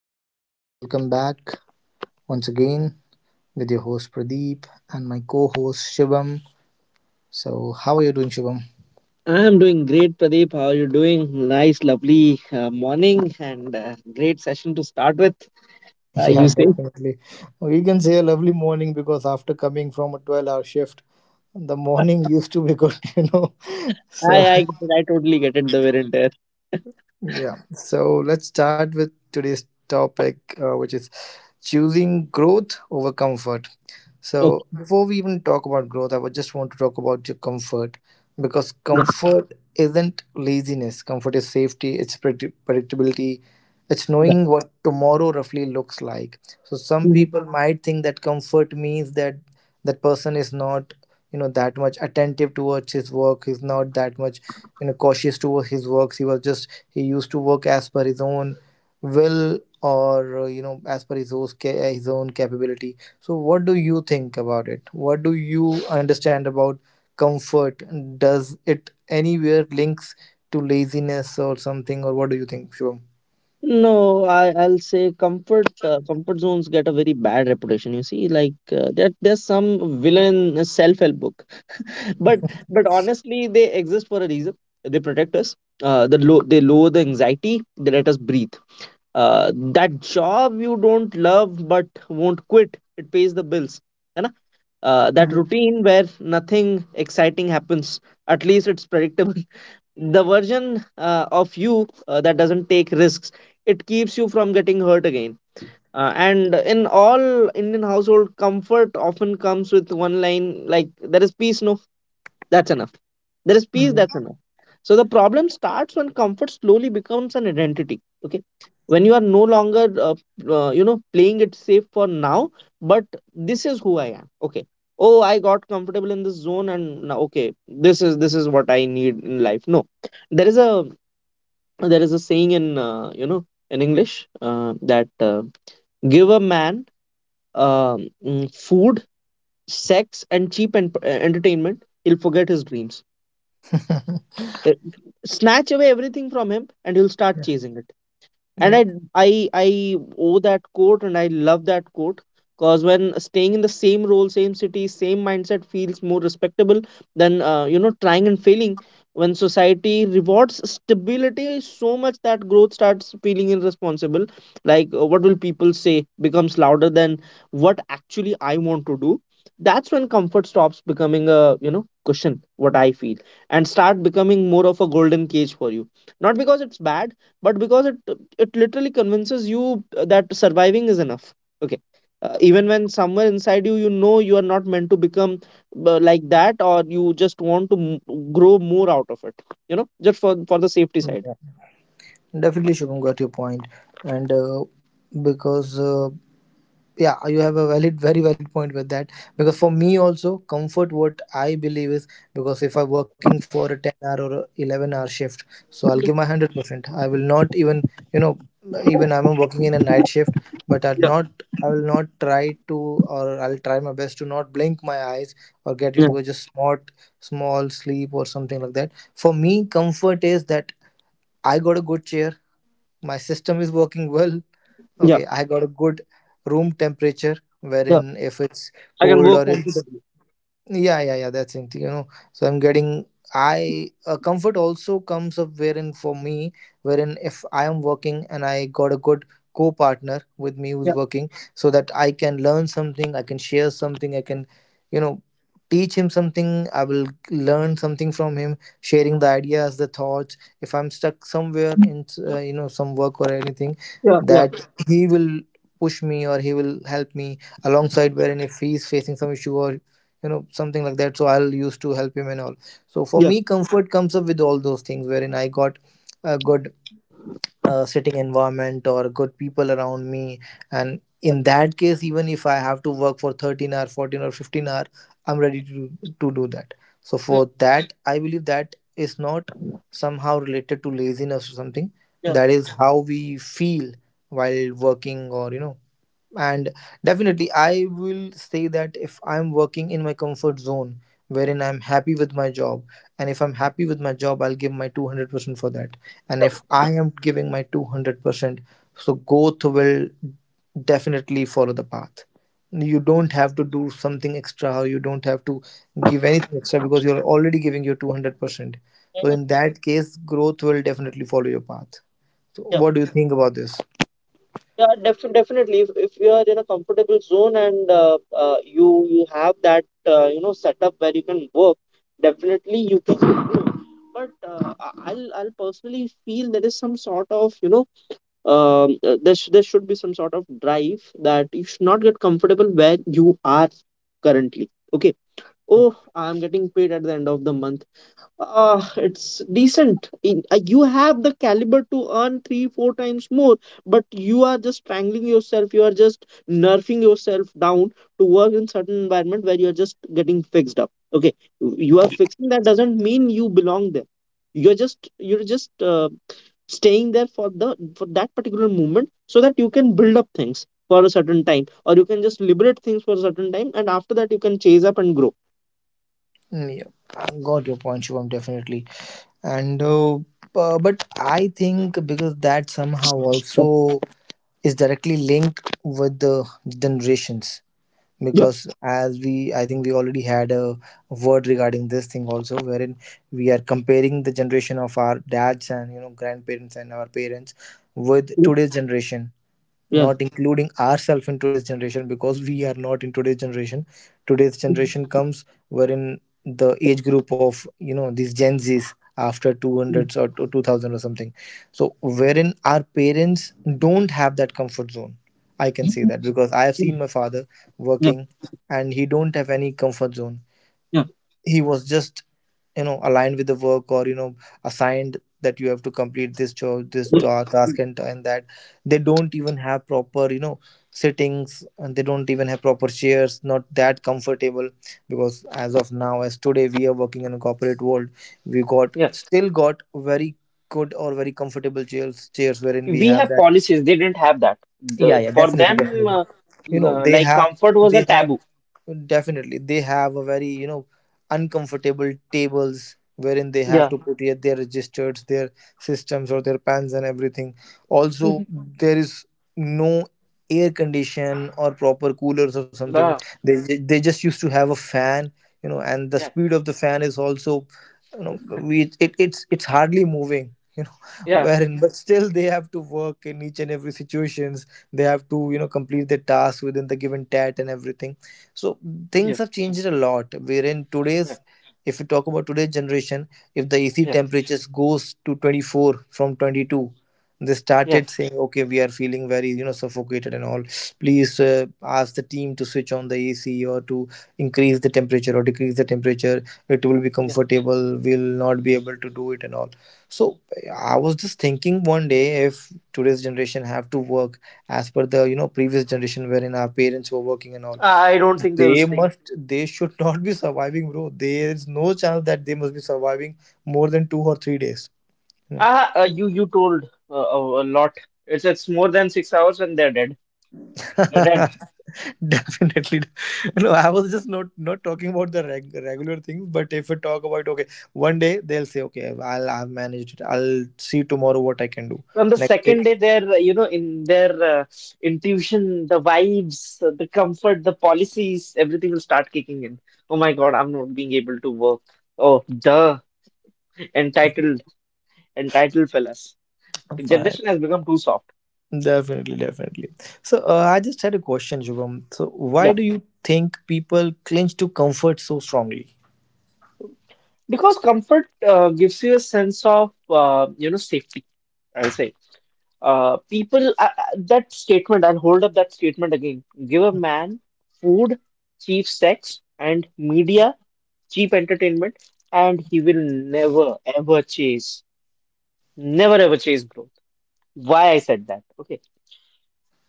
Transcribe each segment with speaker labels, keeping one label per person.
Speaker 1: guys. Welcome back once again with your host Pradeep and my co host Shivam. So, how are you doing, Shivam?
Speaker 2: I am doing great, Pradeep. How are you doing? Nice, lovely morning, and great session to start with. Uh, you
Speaker 1: Yeah,
Speaker 2: say.
Speaker 1: definitely. We can say a lovely morning because after coming from a 12-hour shift, the morning used to be good. So,
Speaker 2: I, I, I totally get it, the wear and tear.
Speaker 1: yeah, so let's start with today's topic, which is choosing growth over comfort.
Speaker 2: Okay.
Speaker 1: So, before we even talk about growth, I would just want to talk about your comfort, because comfort isn't laziness, comfort is safety, it's predictability, it's knowing what tomorrow roughly looks like. So, some
Speaker 2: Mhm.
Speaker 1: people might think that comfort means that that person is not that much attentive towards his work, he's not that much cautious towards his works. He was just he used to work as per his own will, or as per his own capability. So what do you think about it? What do you understand about comfort? Does it anywhere links to laziness or something? Or what do you think, Shubham?
Speaker 2: No, I'll say comfort zones get a very bad reputation. You see, like, there's some villain self-help book, but but honestly, they exist for a reason. They protect us. They lower the anxiety. They let us breathe. That job you don't love but won't quit, it pays the bills. है ना. That routine where nothing exciting happens, at least it's predictable. The version of you that doesn't take risks, it keeps you from getting hurt again. And in all Indian household, comfort often comes with one line, like, there is peace, no, that's enough. There is peace, that's
Speaker 1: Yeah.
Speaker 2: enough. So the problem starts when comfort slowly becomes an identity. Okay. When you are no longer, playing it safe for now, but this is who I am. Okay. Oh, I got comfortable in this zone, and now, okay, this is what I need in life. No, there is a there is a saying in in English, that, give a man food, sex, and cheap entertainment, he'll forget his dreams. Uh, Snatch away everything from him, and he'll start
Speaker 1: Yeah,
Speaker 2: chasing it. And I
Speaker 1: yeah,
Speaker 2: I I owe that quote, and I love that quote, because when staying in the same role, same city, same mindset feels more respectable than trying and failing. When society rewards stability so much that growth starts feeling irresponsible, like, what will people say becomes louder than what actually I want to do. That's when comfort stops becoming a cushion, what I feel, and start becoming more of a golden cage for you. Not because it's bad, but because it literally convinces you that surviving is enough. Okay. Even when somewhere inside you you know you are not meant to become like that, or you just want to grow more out of it, just for the safety side.
Speaker 1: yeah. Definitely, Shubham, got your point. And because yeah, you have a valid, very valid point with that. Because for me also, comfort, what I believe is, because if I'm working for a 10 hour or a 11-hour shift, so I'll give
Speaker 2: Mhm.
Speaker 1: my 100%. I will not even, you know, even I'm working in a night shift, but i'll
Speaker 2: Yeah,
Speaker 1: not i will not try to, or I'll try my best to not blink my eyes or get
Speaker 2: yeah,
Speaker 1: into a just smart small sleep or something like that. For me, comfort is that I got a good chair, my system is working well.
Speaker 2: yeah,
Speaker 1: Okay, I got a good room temperature
Speaker 2: yeah,
Speaker 1: wherein if it's
Speaker 2: I can
Speaker 1: cold
Speaker 2: work
Speaker 1: or it's,
Speaker 2: comfortably.
Speaker 1: yeah, yeah, yeah, that's it. You know, so I'm getting. I Comfort also comes up wherein for me, wherein if I am working and I got a good co-partner with me who's
Speaker 2: Yeah,
Speaker 1: working, so that I can learn something, I can share something, I can, you
Speaker 2: yeah.
Speaker 1: know, teach him something. I will learn something from him, sharing the ideas, the thoughts. If I'm stuck somewhere
Speaker 2: Mm.
Speaker 1: in some work or anything,
Speaker 2: Yeah, yeah,
Speaker 1: that he will push me or he will help me alongside, wherein if he's facing some issue or something like that, so I'll used to help him and all. So for
Speaker 2: yeah.
Speaker 1: me, comfort comes up with all those things wherein I got a good sitting environment or good people around me. And in that case, even if I have to work for 13 hour, 14 or 15 hour, I'm ready to do that. So
Speaker 2: Mm,
Speaker 1: for that, I believe that is not somehow related to laziness or something.
Speaker 2: yeah.
Speaker 1: That is how we feel while working, or and definitely I will say that if I'm working in my comfort zone wherein I'm happy with my job, and if I'm happy with my job, I'll give my 200% for that. And if I am giving my 200%, so growth will definitely follow the path. You don't have to do something extra, or you don't have to give anything extra, because you're already giving your 200%. So
Speaker 2: Mhm.
Speaker 1: in that case, growth will definitely follow your path. So
Speaker 2: Yeah,
Speaker 1: what do you think about this?
Speaker 2: yeah, definitely. If you are in a comfortable zone, and you have that setup where you can work, definitely you can. But I- will I'll personally feel there is some sort of there should be some sort of drive, that you should not get comfortable where you are currently. Okay. Oh, I'm getting paid at the end of the month, it's decent. You have the caliber to earn three, four times more, but you are just strangling yourself. You are just nerfing yourself down to work in certain environment where you are just getting fixed up. Okay, you are fixing that doesn't mean you belong there. You're just staying there for the for that particular moment, so that you can build up things for a certain time, or you can just liberate things for a certain time, and after that you can chase up and grow.
Speaker 1: Mm, yeah, I got your point, Shivam, definitely. And but I think because that somehow also is directly linked with the generations.
Speaker 2: Yeah.
Speaker 1: Because as we, I think, we already had a word regarding this thing also, wherein we are comparing the generation of our dads and, grandparents, and our parents with today's generation.
Speaker 2: Yeah.
Speaker 1: Not including ourselves in today's generation, because we are not in today's generation. Today's generation comes wherein the age group of, these Gen Z's after 200s or to 2000 or something. So wherein our parents don't have that comfort zone. I can say that because I have
Speaker 2: Yeah.
Speaker 1: seen my father
Speaker 2: Yeah,
Speaker 1: working, and he don't have any comfort zone.
Speaker 2: yeah,
Speaker 1: He was just, aligned with the work, or assigned that you have to complete this job, this
Speaker 2: yeah,
Speaker 1: task, and that they don't even have proper, sittings, and they don't even have proper chairs, not that comfortable. Because as of now, as today, we are working in a corporate world. We got
Speaker 2: yeah,
Speaker 1: still got very good or very comfortable chairs wherein we
Speaker 2: we have
Speaker 1: have that,
Speaker 2: policies. They didn't have that.
Speaker 1: yeah,
Speaker 2: The
Speaker 1: yeah,
Speaker 2: For
Speaker 1: definitely,
Speaker 2: them,
Speaker 1: definitely. You know, they
Speaker 2: like,
Speaker 1: have
Speaker 2: comfort was
Speaker 1: they
Speaker 2: a
Speaker 1: have
Speaker 2: taboo.
Speaker 1: definitely. They have a very, uncomfortable tables wherein they have
Speaker 2: Yeah.
Speaker 1: to put yet their registers, their systems, or their pans and everything. Also,
Speaker 2: Mhm.
Speaker 1: there is no air condition or proper coolers or something.
Speaker 2: Ah,
Speaker 1: They they just used to have a fan, and the
Speaker 2: yeah,
Speaker 1: speed of the fan is also, you know we it, it's hardly moving,
Speaker 2: yeah,
Speaker 1: wherein, but still they have to work in each and every situation. They have to, complete their tasks within the given tat and everything. So
Speaker 2: yeah,
Speaker 1: things have changed a lot wherein, today's if we talk about today's generation, if the AC
Speaker 2: yeah, yeah,
Speaker 1: temperatures goes to 24 from 22, they
Speaker 2: yeah,
Speaker 1: started saying, okay, we are feeling very, suffocated and all. Please, ask the team to switch on the AC, or to increase the temperature or decrease the temperature, it will be
Speaker 2: yeah.
Speaker 1: comfortable, we'll not be able to do it and all. So I was just thinking, one day, if today's generation have to work as per the, previous generation wherein our parents were working and all,
Speaker 2: I don't think they'll
Speaker 1: they
Speaker 2: stay.
Speaker 1: must they should not be surviving, bro. There is no chance that they must be surviving more than 2 or 3 days. Hmm.
Speaker 2: You told a lot. It's more than 6 hours and they're dead.
Speaker 1: Definitely. No, I was just not talking about the regular things. But if we talk about, okay, one day they'll say, okay, I've managed it, I'll see tomorrow what I can do
Speaker 2: From the second
Speaker 1: next
Speaker 2: day, in their intuition, the vibes, the comfort, the policies, everything will start kicking in. Oh my God, I'm not being able to work. Oh, duh, entitled, entitled fellas. The
Speaker 1: day.
Speaker 2: generation has become too soft.
Speaker 1: Definitely, definitely. So I just had a question, Shubham. So why
Speaker 2: Yeah,
Speaker 1: do you think people cling to comfort so strongly?
Speaker 2: because comfort gives you a sense of, safety, I'll say. That statement, I'll hold up that statement again. Give a man food, cheap sex, and media cheap entertainment, and he will never ever chase, never ever chase growth. Why I said that? Okay,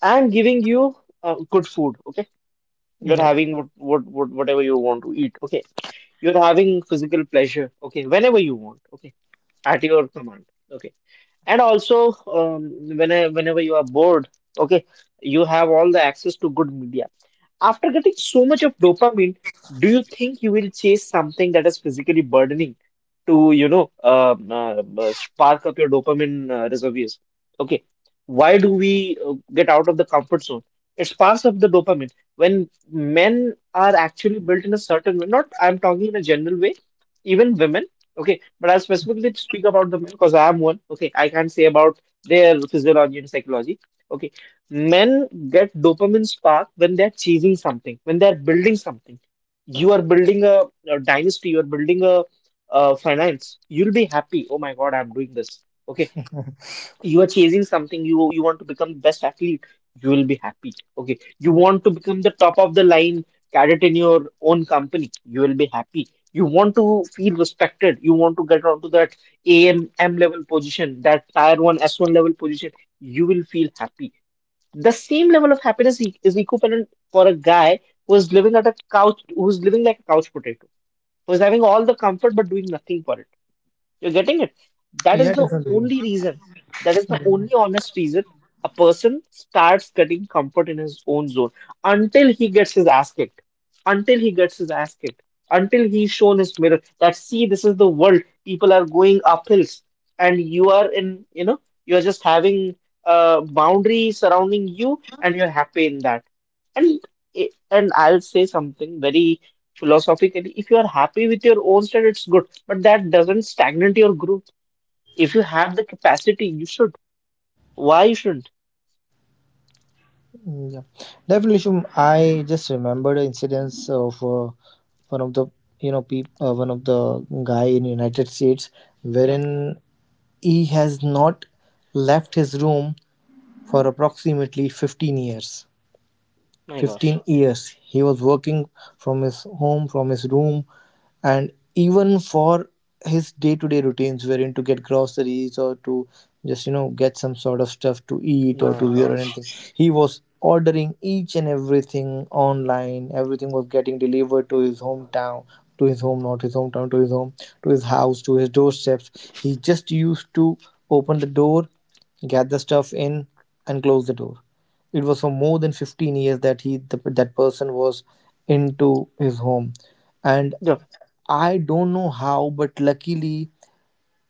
Speaker 2: I'm giving you good food. Okay, you're
Speaker 1: Yep.
Speaker 2: having whatever you want to eat. Okay, you're having physical pleasure. Okay, whenever you want. Okay, at your command. Okay, and also whenever you are bored. Okay, you have all the access to good media. After getting so much of dopamine, do you think you will chase something that is physically burdening to, spark up your dopamine reservoirs? Okay, why do we get out of the comfort zone? It sparks up the dopamine. When men are actually built in a certain way, not, I'm talking in a general way, even women, okay, but I'll specifically speak about the men, because I am one, okay, I can't say about their physiology and psychology. Okay, men get dopamine spark when they're chasing something, when they're building something. You are building a dynasty, you are building a finance. You'll be happy. Oh my God, I'm doing this. Okay. You are chasing something. You want to become the best athlete. You will be happy. Okay. You
Speaker 1: Yep.
Speaker 2: want to become the top of the line cadet in your own company. You will be happy. You want to feel respected. You want to get onto that AMM level position, that tier one S1 level position. You will feel happy, the same level of happiness is equivalent for a guy who's living at a couch, who's living like a couch potato, who's having all the comfort but doing nothing for it. You're getting it. That is
Speaker 1: Yeah,
Speaker 2: the
Speaker 1: definitely.
Speaker 2: only reason. That is the only honest reason a person starts getting comfort in his own zone, until he gets his ass kicked. Until he gets his ass kicked. Until he's shown his mirror that, see, this is the world. People are going up hills, and you are in, you know, you are just having a boundary surrounding you, and you're happy in that. And and I'll say something very philosophically. If you are happy with your own state, it's good, but that doesn't stagnate your growth. If you have the capacity, you should. Why you shouldn't?
Speaker 1: Mm, yeah, definitely. Shubham, I just remembered the incidents of one of the one of the guy in United States,
Speaker 2: Yeah,
Speaker 1: wherein he has not left his room for approximately 15 years.
Speaker 2: my
Speaker 1: 15
Speaker 2: gosh,
Speaker 1: years. He was working from his home, from his room, and even for his day to day routines, wherein to get groceries or to just get some sort of stuff to eat or
Speaker 2: my
Speaker 1: to wear or
Speaker 2: gosh.
Speaker 1: anything, he was ordering each and everything online. Everything was getting delivered to his hometown, to his home, not his hometown, to his home, to his house, to his doorsteps. He just used to open the door, get the stuff in, and close the door. It was for more than 15 years that that person was into his home. And
Speaker 2: Yeah.
Speaker 1: I don't know how, but luckily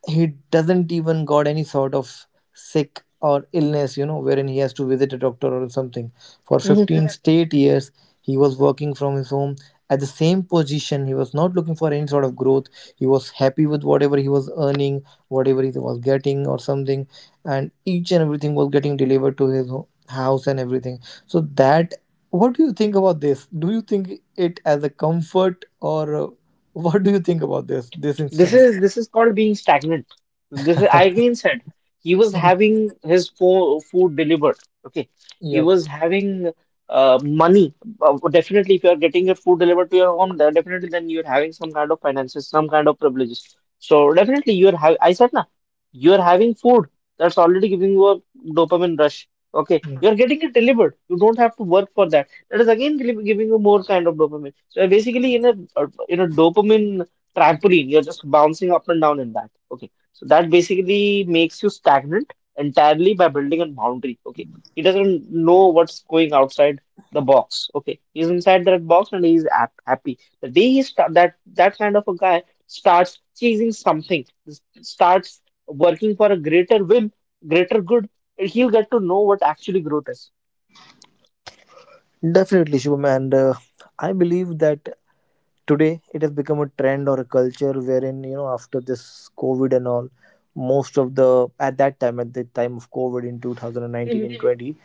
Speaker 1: he doesn't even got any sort of sick or illness, wherein he has to visit a doctor or something. For 15 straight years, he was working from his home at the same position. He was not looking for any sort of growth. He was happy with whatever he was earning, whatever he was getting or something, and each and everything was getting delivered to his house and everything. So that, what do you think about this? Do you think it as a comfort, or what do you think about this
Speaker 2: This
Speaker 1: instance?
Speaker 2: is this is called being stagnant. This is, I again said, he was having his fo food delivered. Okay, he
Speaker 1: Yeah.
Speaker 2: was having money. Definitely, if you are getting your food delivered to your home, then definitely, then you're having some kind of finances, some kind of privileges. So definitely you're having. I said na, you're having food. That's already giving you a dopamine rush. Okay,
Speaker 1: Mm.
Speaker 2: you're getting it delivered. You don't have to work for that. That is again giving you more kind of dopamine. So basically, in a dopamine trampoline. You're just bouncing up and down in that. Okay. So that basically makes you stagnant entirely by building a boundary. Okay. He doesn't know what's going outside the box. Okay. He's inside that box and he's happy. The day he start that that kind of a guy starts chasing something, starts working for a greater will, greater good, he'll get to know what actually growth is.
Speaker 1: Definitely, Shubham, and I believe that today it has become a trend or a culture, wherein, after this COVID and all, most of the, at the time of COVID in 2019
Speaker 2: Mhm.
Speaker 1: and 20,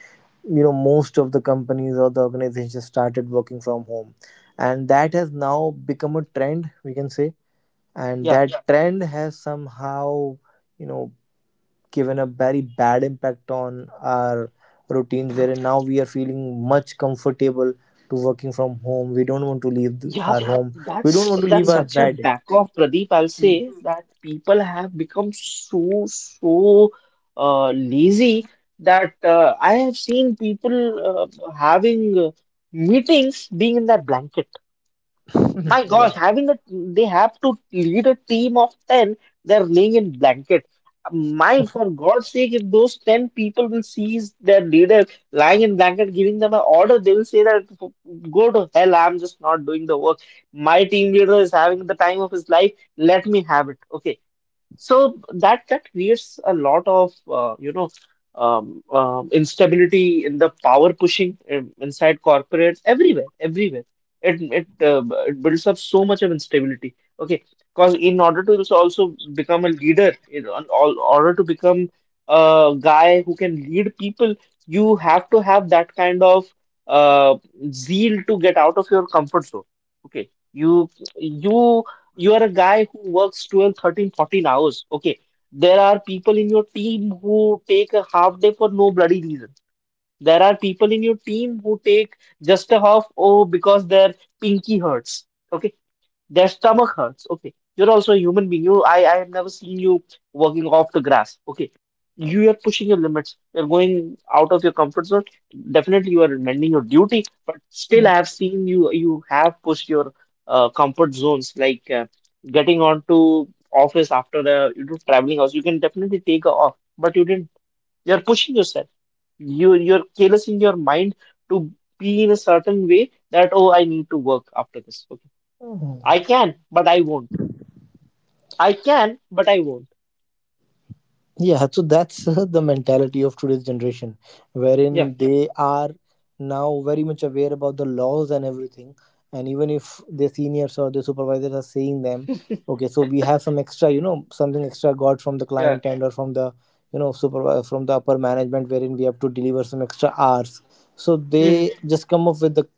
Speaker 1: most of the companies or the organizations started working from home. And that has now become a trend, we can say, and
Speaker 2: Yeah.
Speaker 1: that, yeah, trend has somehow, you know given a very bad impact on our routines, wherein now we are feeling much comfortable to working from home. We don't want to leave our
Speaker 2: Yup,
Speaker 1: home. We don't
Speaker 2: that's
Speaker 1: want to leave
Speaker 2: that's
Speaker 1: our
Speaker 2: such a
Speaker 1: bed.
Speaker 2: back off, Pradeep. I'll say that people have become so lazy, that I have seen people uh, having meetings being in their blanket. My
Speaker 1: Yeah.
Speaker 2: gosh, having a they have to lead a team of 10, they're laying in blanket. My, for God's sake, if those 10 people will seize their leader lying in blanket, giving them an order, they will say that, go to hell, I'm just not doing the work. My team leader is having the time of his life, let me have it. Okay, so that creates a lot of instability in the power pushing, inside corporates, everywhere, everywhere. It it uh, it builds up so much of instability. Okay, because in order to also become a leader, in on- all order to become a guy who can lead people, you have to have that kind of uh, zeal to get out of your comfort zone. Okay, you you are a guy who works 12, 13, 14 hours. Okay, there are people in your team who take a half day for no bloody reason. There are people in your team who take just a half, oh, because their pinky hurts. Okay, their stomach hurts. Okay. You're also a human being. I have never seen you walking off the grass. Okay. You are pushing your limits. You're going out of your comfort zone. Definitely, you are mending your duty, but still, I
Speaker 1: Yep.
Speaker 2: have seen you. You have pushed your comfort zones, like getting onto office after the traveling hours. You can definitely take a off, but you didn't. You're pushing yourself. You're careless in your mind to be in a certain way that, oh, I need to work after this. Okay. I can, but I won't I can, but I won't.
Speaker 1: Yeah, so that's the mentality of today's generation,
Speaker 2: Yeah.
Speaker 1: wherein they are now very much aware about the laws and everything. And even if their seniors or their supervisors are saying them, okay, so we have some extra, something extra got from the
Speaker 2: Yeah.
Speaker 1: client end, or from the, supervisor from the upper management, wherein we have to deliver some extra hours. So
Speaker 2: Hmm.
Speaker 1: they just come up with the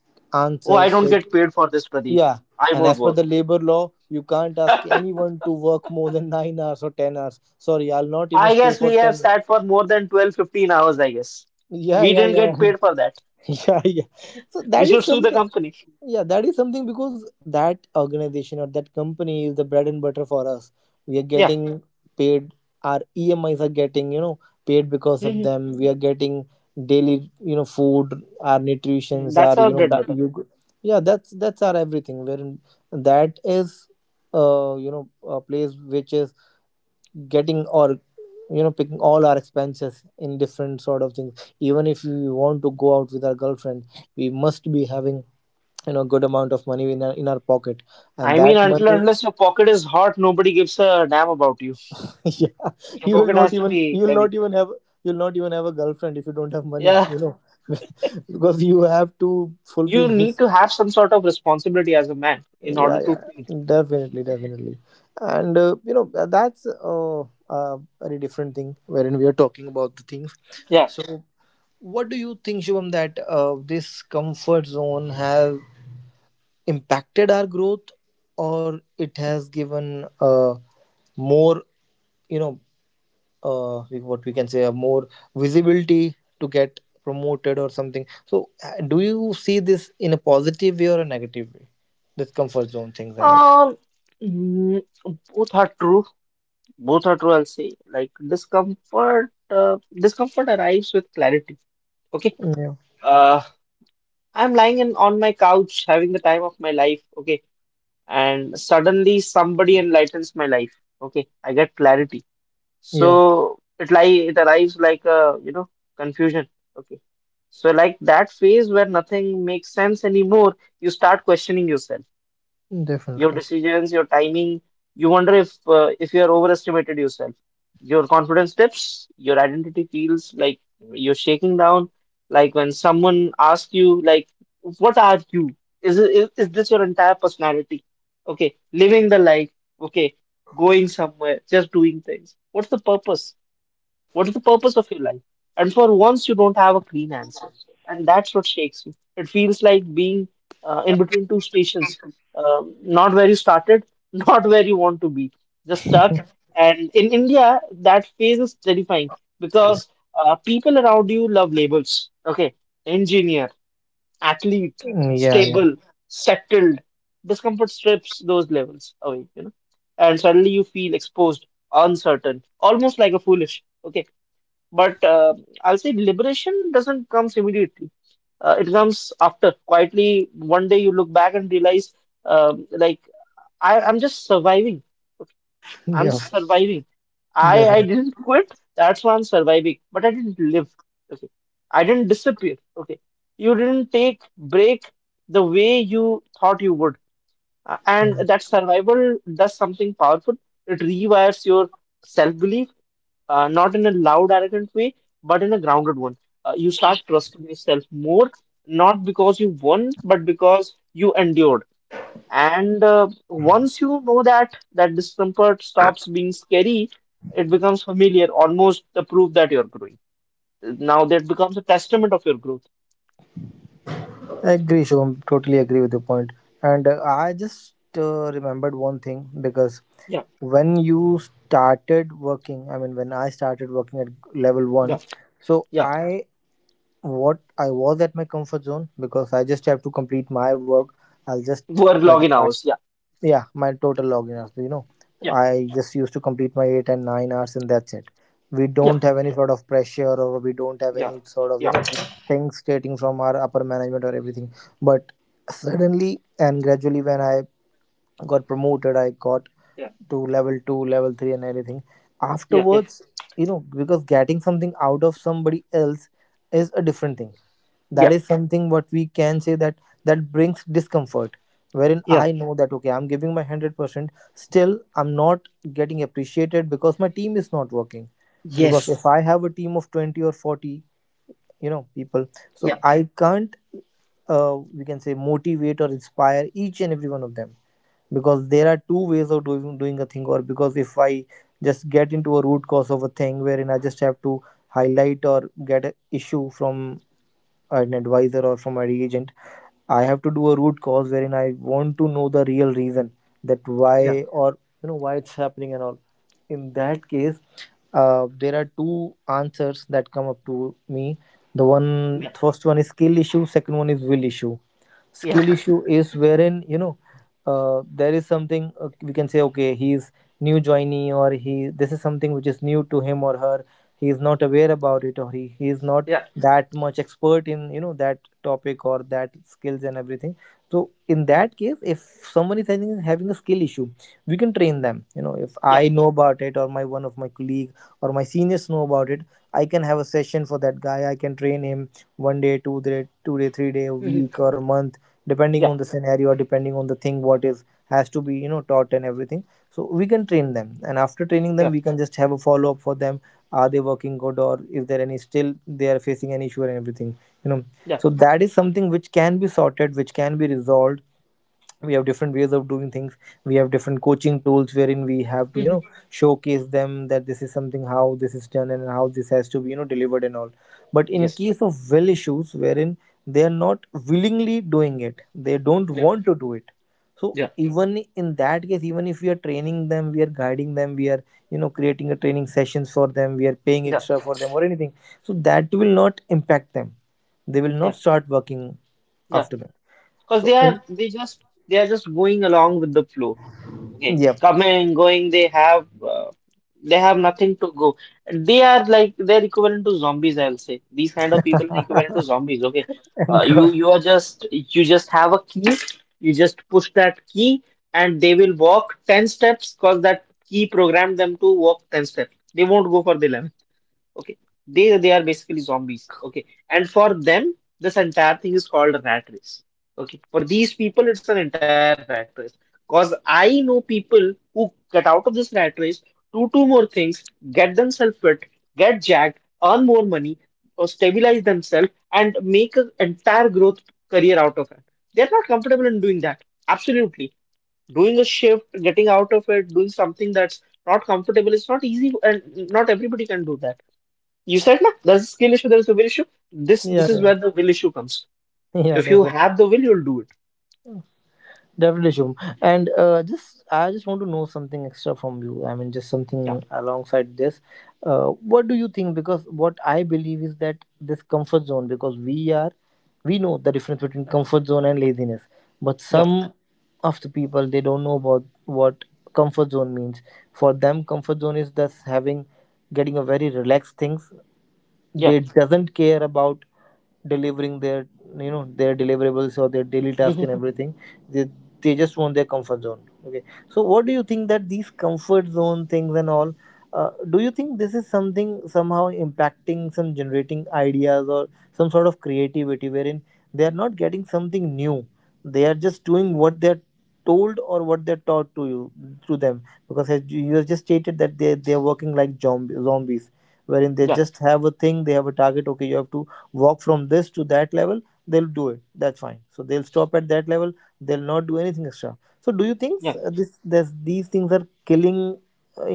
Speaker 2: Oh, I
Speaker 1: answers.
Speaker 2: don't
Speaker 1: That,
Speaker 2: get paid for this, Pradeep.
Speaker 1: yeah,
Speaker 2: I
Speaker 1: and
Speaker 2: won't
Speaker 1: as per the
Speaker 2: work.
Speaker 1: labor law, you can't ask anyone to work more than 9 hours or 10 hours. Sorry, I'll not even
Speaker 2: I
Speaker 1: stay
Speaker 2: guess we
Speaker 1: for
Speaker 2: have
Speaker 1: ten.
Speaker 2: sat for more than 12, 15 hours, I guess.
Speaker 1: Yeah,
Speaker 2: We
Speaker 1: yeah,
Speaker 2: didn't
Speaker 1: yeah.
Speaker 2: get paid for that.
Speaker 1: Yeah, yeah, so
Speaker 2: We
Speaker 1: that is
Speaker 2: should sue the
Speaker 1: something.
Speaker 2: company.
Speaker 1: Yeah, that is something because that organization or that company is the bread and butter for us. We are
Speaker 2: Yeah.
Speaker 1: getting paid. Our emis are getting, paid because of
Speaker 2: Hmm.
Speaker 1: them. We are getting daily, food, our nutritions,
Speaker 2: That's
Speaker 1: our,
Speaker 2: our bread butter.
Speaker 1: yeah, that's our everything, wherein that is, a place which is getting or, picking all our expenses in different sort of things. Even if we want to go out with our girlfriend, we must be having, good amount of money in our pocket, and
Speaker 2: I
Speaker 1: that
Speaker 2: mean, until and
Speaker 1: money.
Speaker 2: unless your pocket is hot, nobody gives a damn about you.
Speaker 1: Yeah,
Speaker 2: Your
Speaker 1: you will
Speaker 2: pocket
Speaker 1: not
Speaker 2: has to
Speaker 1: even, you
Speaker 2: be
Speaker 1: will not
Speaker 2: heavy.
Speaker 1: even have you'll not even have a girlfriend if you don't have money you
Speaker 2: Yeah.
Speaker 1: know Because you have to fulfill
Speaker 2: You need
Speaker 1: his.
Speaker 2: to have some sort of responsibility as a man in
Speaker 1: Yeah,
Speaker 2: order to
Speaker 1: yeah,
Speaker 2: feed.
Speaker 1: definitely, definitely. And that's a very different thing wherein we are talking about the things.
Speaker 2: Yeah.
Speaker 1: So what do you think, Shivam, that this comfort zone has impacted our growth, or it has given more, you know what we can say, a more visibility to get promoted or something. So do you see this in a positive way or a negative way, this comfort zone things and
Speaker 2: Um, mm, both are true. Both are true, I'll say. Like discomfort, discomfort arrives with clarity. Okay.
Speaker 1: all?
Speaker 2: Uh, I'm lying in, on my couch having the time of my life. Okay. And suddenly somebody enlightens my life. Okay. I get clarity.
Speaker 1: Yep,
Speaker 2: So it arrives like a, you know, confusion. Okay. So like that phase where nothing makes sense anymore, you start questioning yourself, your
Speaker 1: definitely.
Speaker 2: decisions, your timing. You wonder if you are overestimated yourself. Your confidence dips. Your identity feels like you're shaking down. Like when someone asks you, like, "What are you? Is this your entire personality? Okay, living the life. Okay, going somewhere, just doing things. What's the purpose?" What is the purpose of your life? And for once, you don't have a clean answer. And that's what shakes you. It feels like being in between two stations, not where you started, not where you want to be, just stuck. And in India, that phase is terrifying because people around you love labels. Okay, engineer, athlete,
Speaker 1: Mm, yeah, yeah,
Speaker 2: stable, settled. Discomfort strips those levels away, you know, and suddenly you feel exposed, uncertain, almost like a foolish. Okay, but I'll say liberation doesn't comes immediately. It comes after, quietly. One day you look back and realize, um, like I'm just surviving. Okay, I'm
Speaker 1: yeah.
Speaker 2: just surviving. I
Speaker 1: Definitely.
Speaker 2: didn't quit. That's why I'm surviving. But I didn't live. Okay, I didn't disappear. Okay, you didn't take break the way you thought you would. And
Speaker 1: Mm.
Speaker 2: that survival does something powerful. It rewires your self belief not in a loud, arrogant way, but in a grounded one. You start trusting yourself more, not because you won, but because you endured. And once you know that, that discomfort stops being scary, it becomes familiar, almost the proof that you're growing. Now that becomes a testament of your growth.
Speaker 1: Agree, Shubham. Totally agree with your point. And I just, remembered one thing because
Speaker 2: Yeah,
Speaker 1: when you started working, I mean, when I started working at level
Speaker 2: yeah,
Speaker 1: one, so
Speaker 2: yeah.
Speaker 1: I, what I was at my comfort zone because I just have to complete my work. I'll just
Speaker 2: Work
Speaker 1: get.
Speaker 2: login hours. Yeah,
Speaker 1: Yeah, my total login hours.
Speaker 2: yeah,
Speaker 1: I just used to complete my 8 and 9 hours, and that's it. We
Speaker 2: yeah,
Speaker 1: don't have any sort of pressure, or we don't have
Speaker 2: yeah,
Speaker 1: any sort of,
Speaker 2: yeah,
Speaker 1: things stating from our upper management or everything. But suddenly and gradually, when I got promoted, I got
Speaker 2: yeah,
Speaker 1: to level 2, level 3, and everything
Speaker 2: yeah, yeah,
Speaker 1: afterwards. You know, because getting something out of somebody else is a different thing. That
Speaker 2: yeah,
Speaker 1: is something, what we can say, that brings discomfort, wherein
Speaker 2: yeah.
Speaker 1: I know that, okay, I'm giving my 100%, still I'm not getting appreciated because my team is not working. Because
Speaker 2: Yes.
Speaker 1: if I have a team of 20 or 40, people, so
Speaker 2: Yeah,
Speaker 1: I can't, we can say, motivate or inspire each and every one of them, because there are two ways of doing a thing. Or because if I just get into a root cause of a thing wherein I just have to highlight or get an issue from an advisor or from my agent, I have to do a root cause wherein I want to know the real reason, that
Speaker 2: yeah,
Speaker 1: why, or, why it's happening and all. In that case, there are two answers that come up to me. The one
Speaker 2: yeah,
Speaker 1: first one is skill issue, second one is will issue. Skill issue is wherein, there is something, we can say, okay, he's new joinee, or he, this is something which is new to him or her. He is not aware about it, or he is not
Speaker 2: yeah,
Speaker 1: that much expert in, that topic or that skills and everything. So in that case, if someone is having a skill issue, we can train them, if
Speaker 2: yeah.
Speaker 1: I know about it, or my one of my colleague or my seniors know about it, I can have a session for that guy. I can train him 1 day, 2 day, 3 day, a
Speaker 2: Mm-hmm.
Speaker 1: week or a month, depending
Speaker 2: Yeah. Mhm.
Speaker 1: on the scenario or depending on the thing what is has to be, taught and everything. So we can train them, and after training
Speaker 2: yeah,
Speaker 1: them, we can just have a follow up for them. Are they working good, or is there any still they are facing an issue and everything you know
Speaker 2: yeah,
Speaker 1: so that is something which can be sorted, which can be resolved. We have different ways of doing things. We have different coaching tools wherein we have to,
Speaker 2: Mhm.
Speaker 1: showcase them that this is something, how this is done and how this has to be, delivered and all. But in
Speaker 2: Yes,
Speaker 1: case of well issues, wherein they are not willingly doing it, they don't
Speaker 2: yeah,
Speaker 1: want to do it. So
Speaker 2: yeah,
Speaker 1: even in that case, even if we are training them, we are guiding them, we are, creating a training sessions for them, we are paying
Speaker 2: yeah,
Speaker 1: extra for them or anything, so that will not impact them. They will not
Speaker 2: yeah,
Speaker 1: start working
Speaker 2: yeah.
Speaker 1: after that.
Speaker 2: Because
Speaker 1: So
Speaker 2: they
Speaker 1: in.
Speaker 2: are they just they are just going along with the flow. Okay,
Speaker 1: Yeah.
Speaker 2: coming, going. Uh, they have nothing to go. They are like they're equivalent to zombies. I'll say these kind of people are equivalent to zombies. Okay,
Speaker 1: And
Speaker 2: uh, you
Speaker 1: God,
Speaker 2: you are just you just have a key. You just push that key, and they will walk ten steps because that key programmed them to walk ten steps. They won't go for the okay they are basically zombies. Okay, and for them this entire thing is called a rat race. Okay, for these people it's an entire rat race. Cause I know people who get out of this rat race, do two more things, get themselves fit, get jacked, earn more money or stabilize themselves and make an entire growth career out of it. They're not comfortable in doing that. Absolutely, doing a shift, getting out of it, doing something that's not comfortable is not easy, and not everybody can do that. You said na, there's a skill issue, there's a will issue. This
Speaker 1: yeah,
Speaker 2: this is
Speaker 1: yeah,
Speaker 2: where the will issue comes.
Speaker 1: yeah,
Speaker 2: If you
Speaker 1: definitely,
Speaker 2: have the will, you'll do it.
Speaker 1: definitely, Shubham. And just, I just want to know something extra from you. I mean, just
Speaker 2: Yeah,
Speaker 1: something alongside this. What do you think? Because what I believe is that this comfort zone, because we know the difference between comfort zone and laziness, but
Speaker 2: yeah,
Speaker 1: some of the people, they don't know about what comfort zone means. For them, comfort zone is just having, getting a very relaxed things.
Speaker 2: yeah,
Speaker 1: They doesn't care about delivering their, their deliverables or their daily task and everything. they, they just want their comfort zone, okay. So what do you think that these comfort zone things and all, do you think this is something somehow impacting some generating ideas or some sort of creativity wherein they are not getting something new? They are just doing what they're told, or what they're taught to you, to them, because as you have just stated that they're working like zombies, wherein they
Speaker 2: yeah,
Speaker 1: just have a thing, they have a target. Okay, you have to walk from this to that level, they'll do it, that's fine. So they'll stop at that level, they'll not do anything extra. So do you think,
Speaker 2: yeah,
Speaker 1: this these things are killing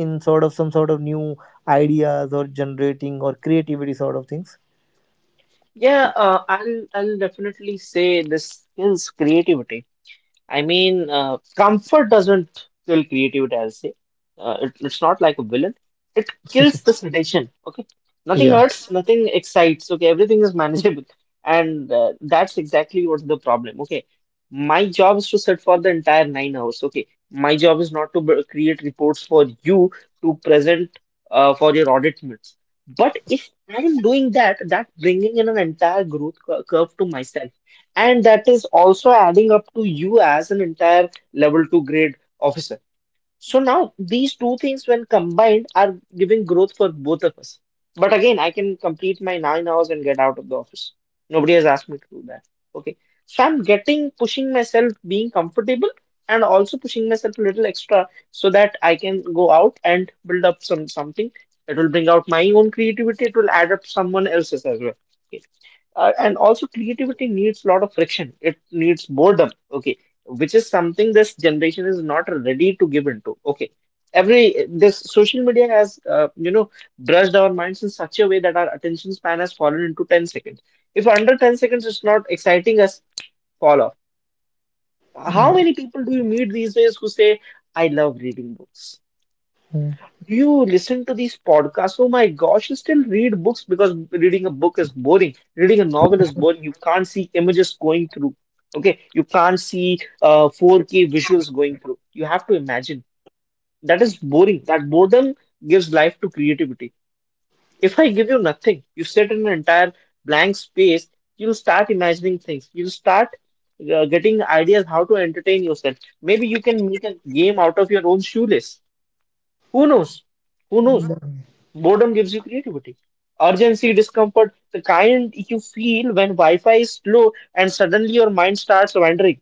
Speaker 1: in sort of some sort of new ideas, or generating or creativity sort of things?
Speaker 2: yeah. I'll definitely say this skills creativity. I mean, comfort doesn't kill creativity, I'll say. It's not like a villain. It kills the sensation, okay? Nothing
Speaker 1: Yeah.
Speaker 2: hurts, nothing excites, okay? Everything is manageable. And that's exactly what's the problem, okay? My job is to sit for the entire 9 hours, okay? My job is not to create reports for you to present for your audit minutes. But if I'm doing that, that bringing in an entire curve to myself, and that is also adding up to you as an entire level 2 grade officer, so now these two things when combined are giving growth for both of us. But again, I can complete my 9 hours and get out of the office. Nobody has asked me to do that. Okay, so I'm getting pushing myself being comfortable and also pushing myself a little extra so that I can go out and build up some something that will bring out my own creativity. It will add up someone else's as well. Okay, and also creativity needs a lot of friction. It needs boredom. Okay, which is something this generation is not ready to give into. Okay, every this social media has you know, brushed our minds in such a way that our attention span has fallen into 10 seconds. If under 10 seconds it's not exciting us, fall off. How
Speaker 1: Mm,
Speaker 2: many people do you meet these days who say I love reading books? Do you listen to these podcasts? Oh my gosh, you still read books? Because reading a book is boring. Reading a novel is boring. You can't see images going through. Okay, you can't see 4K visuals going through. You have to imagine. That is boring. That boredom gives life to creativity. If I give you nothing, you sit in an entire blank space, you'll start imagining things. You'll start getting ideas how to entertain yourself. Maybe you can make a game out of your own shoelace. Who knows? Who knows?
Speaker 1: mm.
Speaker 2: Boredom gives you creativity. Urgency, discomfort, the kind you feel when Wi Fi is slow and suddenly your mind starts wandering.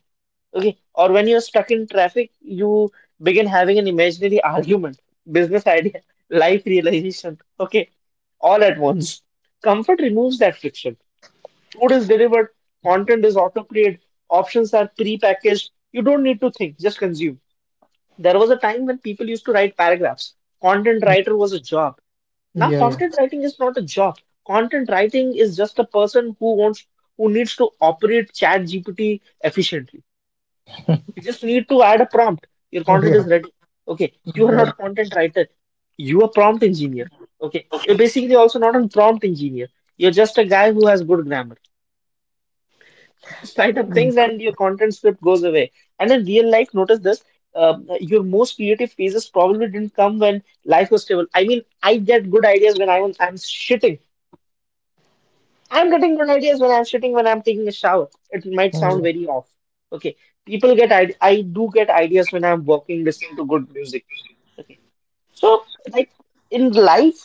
Speaker 2: Okay. Or when you're stuck in traffic, you begin having an imaginary argument, business idea, life realization. Okay. All at once. Comfort removes that friction. Food is delivered, content is auto created, options are pre packaged. You don't need to think, just consume. There was a time when people used to write paragraphs. Content writer was a job. Now,
Speaker 1: Yeah, yeah.
Speaker 2: content writing is not a job. Content writing is just a person who needs to operate Chat GPT efficiently. You just need to add a prompt. Your content
Speaker 1: Yeah.
Speaker 2: is ready. Okay, you are not a
Speaker 1: that-
Speaker 2: content writer. You are prompt engineer. Okay, you're basically also not a prompt engineer. You're just a guy who has good grammar. Just write up things and your content script goes away. And in real life, notice this: your most creative phases probably didn't come when life was stable. I mean, I get good ideas when I'm shitting. I'm getting good ideas when I'm sitting when I'm taking a shower. It might sound
Speaker 1: mm,
Speaker 2: very off. Okay. People get I do get ideas when I'm walking, listening to good music. Okay. So like in life,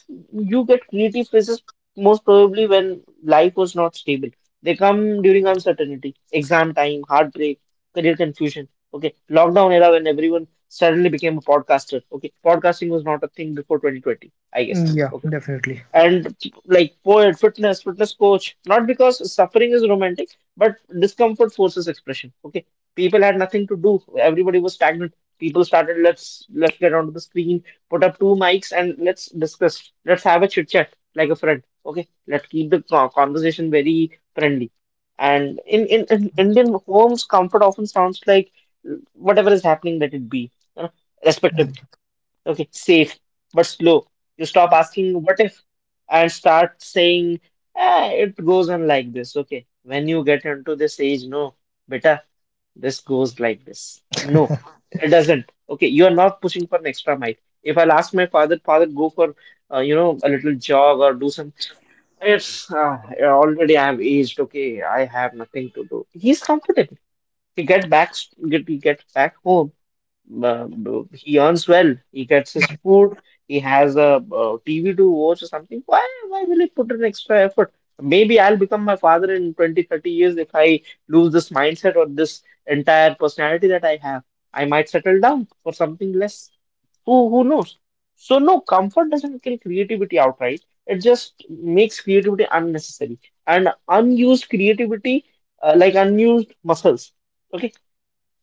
Speaker 2: you get creative phases most probably when life was not stable. They come during uncertainty, exam time, heartbreak, career confusion. Okay. Lockdown era when everyone suddenly became a podcaster. Okay. Podcasting was not a thing before 2020, I guess.
Speaker 1: yeah,
Speaker 2: Okay,
Speaker 1: definitely.
Speaker 2: and like poet, fitness, fitness coach, not because suffering is romantic, but discomfort forces expression. Okay. People had nothing to do. Everybody was stagnant. People started, let's get onto the screen, put up two mics and let's discuss. Let's have a chit chat like a friend. Okay. Let's keep the conversation very friendly. And in Indian homes, comfort often sounds like whatever is happening, let it be. You know, respectability. Okay, safe but slow. You stop asking what if and start saying, ah, it goes on like this. Okay, when you get into this age, no, beta, this goes like this. No, it doesn't. Okay, you are not pushing for an extra mile. If I'll ask my father, father, go for you know a little jog or do some. It's already I'm aged. Okay, I have nothing to do. He's comfortable. We get back, we get back home, uh, he earns well, he gets his food, he has a TV to watch or something. Why will he put an extra effort? Maybe I'll become my father in 20, 30 years if I lose this mindset or this entire personality that I have. I might settle down for something less. Who knows? So, no, comfort doesn't kill creativity outright. It just makes creativity unnecessary, and unused creativity, like unused muscles, okay,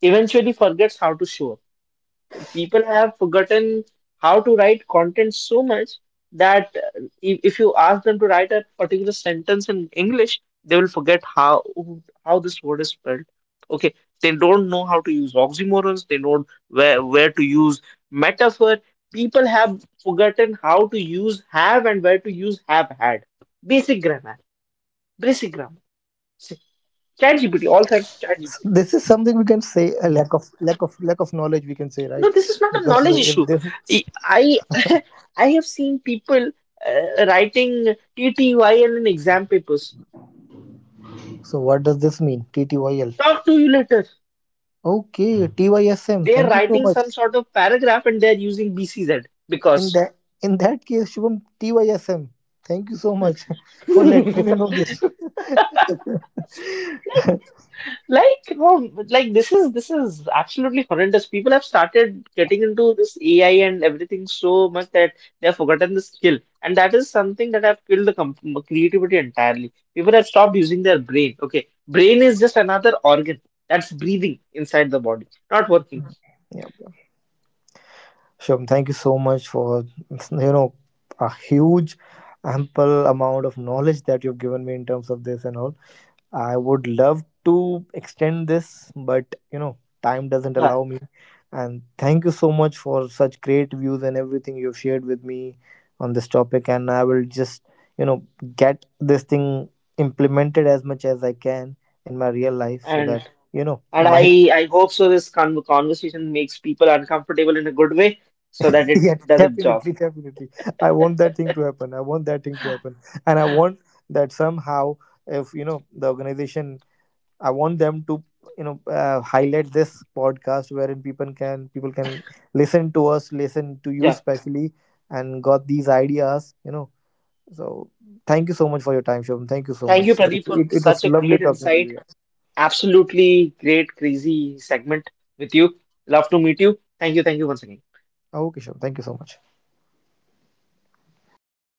Speaker 2: eventually forgets how to show up. People have forgotten how to write content so much that if you ask them to write a particular sentence in English, they will forget how this word is spelled. Okay, they don't know how to use oxymorons. They don't where to use metaphor. People have forgotten how to use have and where to use have had. Basic grammar, basic grammar. See,
Speaker 1: So
Speaker 2: ChatGPT,
Speaker 1: this
Speaker 2: all
Speaker 1: is
Speaker 2: thanks
Speaker 1: something
Speaker 2: to
Speaker 1: we can
Speaker 2: ChatGPT.
Speaker 1: say, a lack of knowledge, we can say, right?
Speaker 2: No,
Speaker 1: Because
Speaker 2: this is not
Speaker 1: if
Speaker 2: a knowledge
Speaker 1: this.
Speaker 2: issue. I I have seen people writing TTYL in exam papers.
Speaker 1: So what does this mean, TTYL?
Speaker 2: Talk to you later.
Speaker 1: Okay. TYSM,
Speaker 2: They're
Speaker 1: thank you so
Speaker 2: writing
Speaker 1: much.
Speaker 2: some sort of paragraph and they're using BCZ
Speaker 1: In
Speaker 2: because.
Speaker 1: that in that case, Shubham, TYSM, thank you so much for letting
Speaker 2: like
Speaker 1: me know this.
Speaker 2: like this is absolutely horrendous. People have started getting into this AI and everything so much that they have forgotten the skill, and that is something that have killed the com creativity entirely. People have stopped using their brain. Okay, brain is just another organ that's breathing inside the body, not working.
Speaker 1: Yep. Shubham, thank you so much for, you know a huge, ample amount of knowledge that you've given me in terms of this and all. I would love to extend this, but, time doesn't
Speaker 2: Yeah,
Speaker 1: allow me. And thank you so much for such great views and everything you've shared with me on this topic. And I will just, you know, get this thing implemented as much as I can in my real life so
Speaker 2: and
Speaker 1: that,
Speaker 2: and
Speaker 1: my.
Speaker 2: I hope so. This conversation makes people uncomfortable in a good way, so that it
Speaker 1: Yeah,
Speaker 2: does its job.
Speaker 1: definitely, definitely. I want that thing to happen. I want that thing to happen. And I want that somehow, if, you know, the organization, I want them to, highlight this podcast wherein people can listen to us, listen to you
Speaker 2: Yeah,
Speaker 1: specially, and got these ideas. You know, so thank you so much for your time, Shubham. Thank you so
Speaker 2: thank
Speaker 1: much.
Speaker 2: you,
Speaker 1: So
Speaker 2: Pradeep, for
Speaker 1: it
Speaker 2: such
Speaker 1: was
Speaker 2: a
Speaker 1: lovely
Speaker 2: great
Speaker 1: talking to you.
Speaker 2: insight.
Speaker 1: Yeah.
Speaker 2: Absolutely great, crazy segment with you. Love to meet you. Thank you. Thank you once again.
Speaker 1: Okay, Shubham. Thank you so much.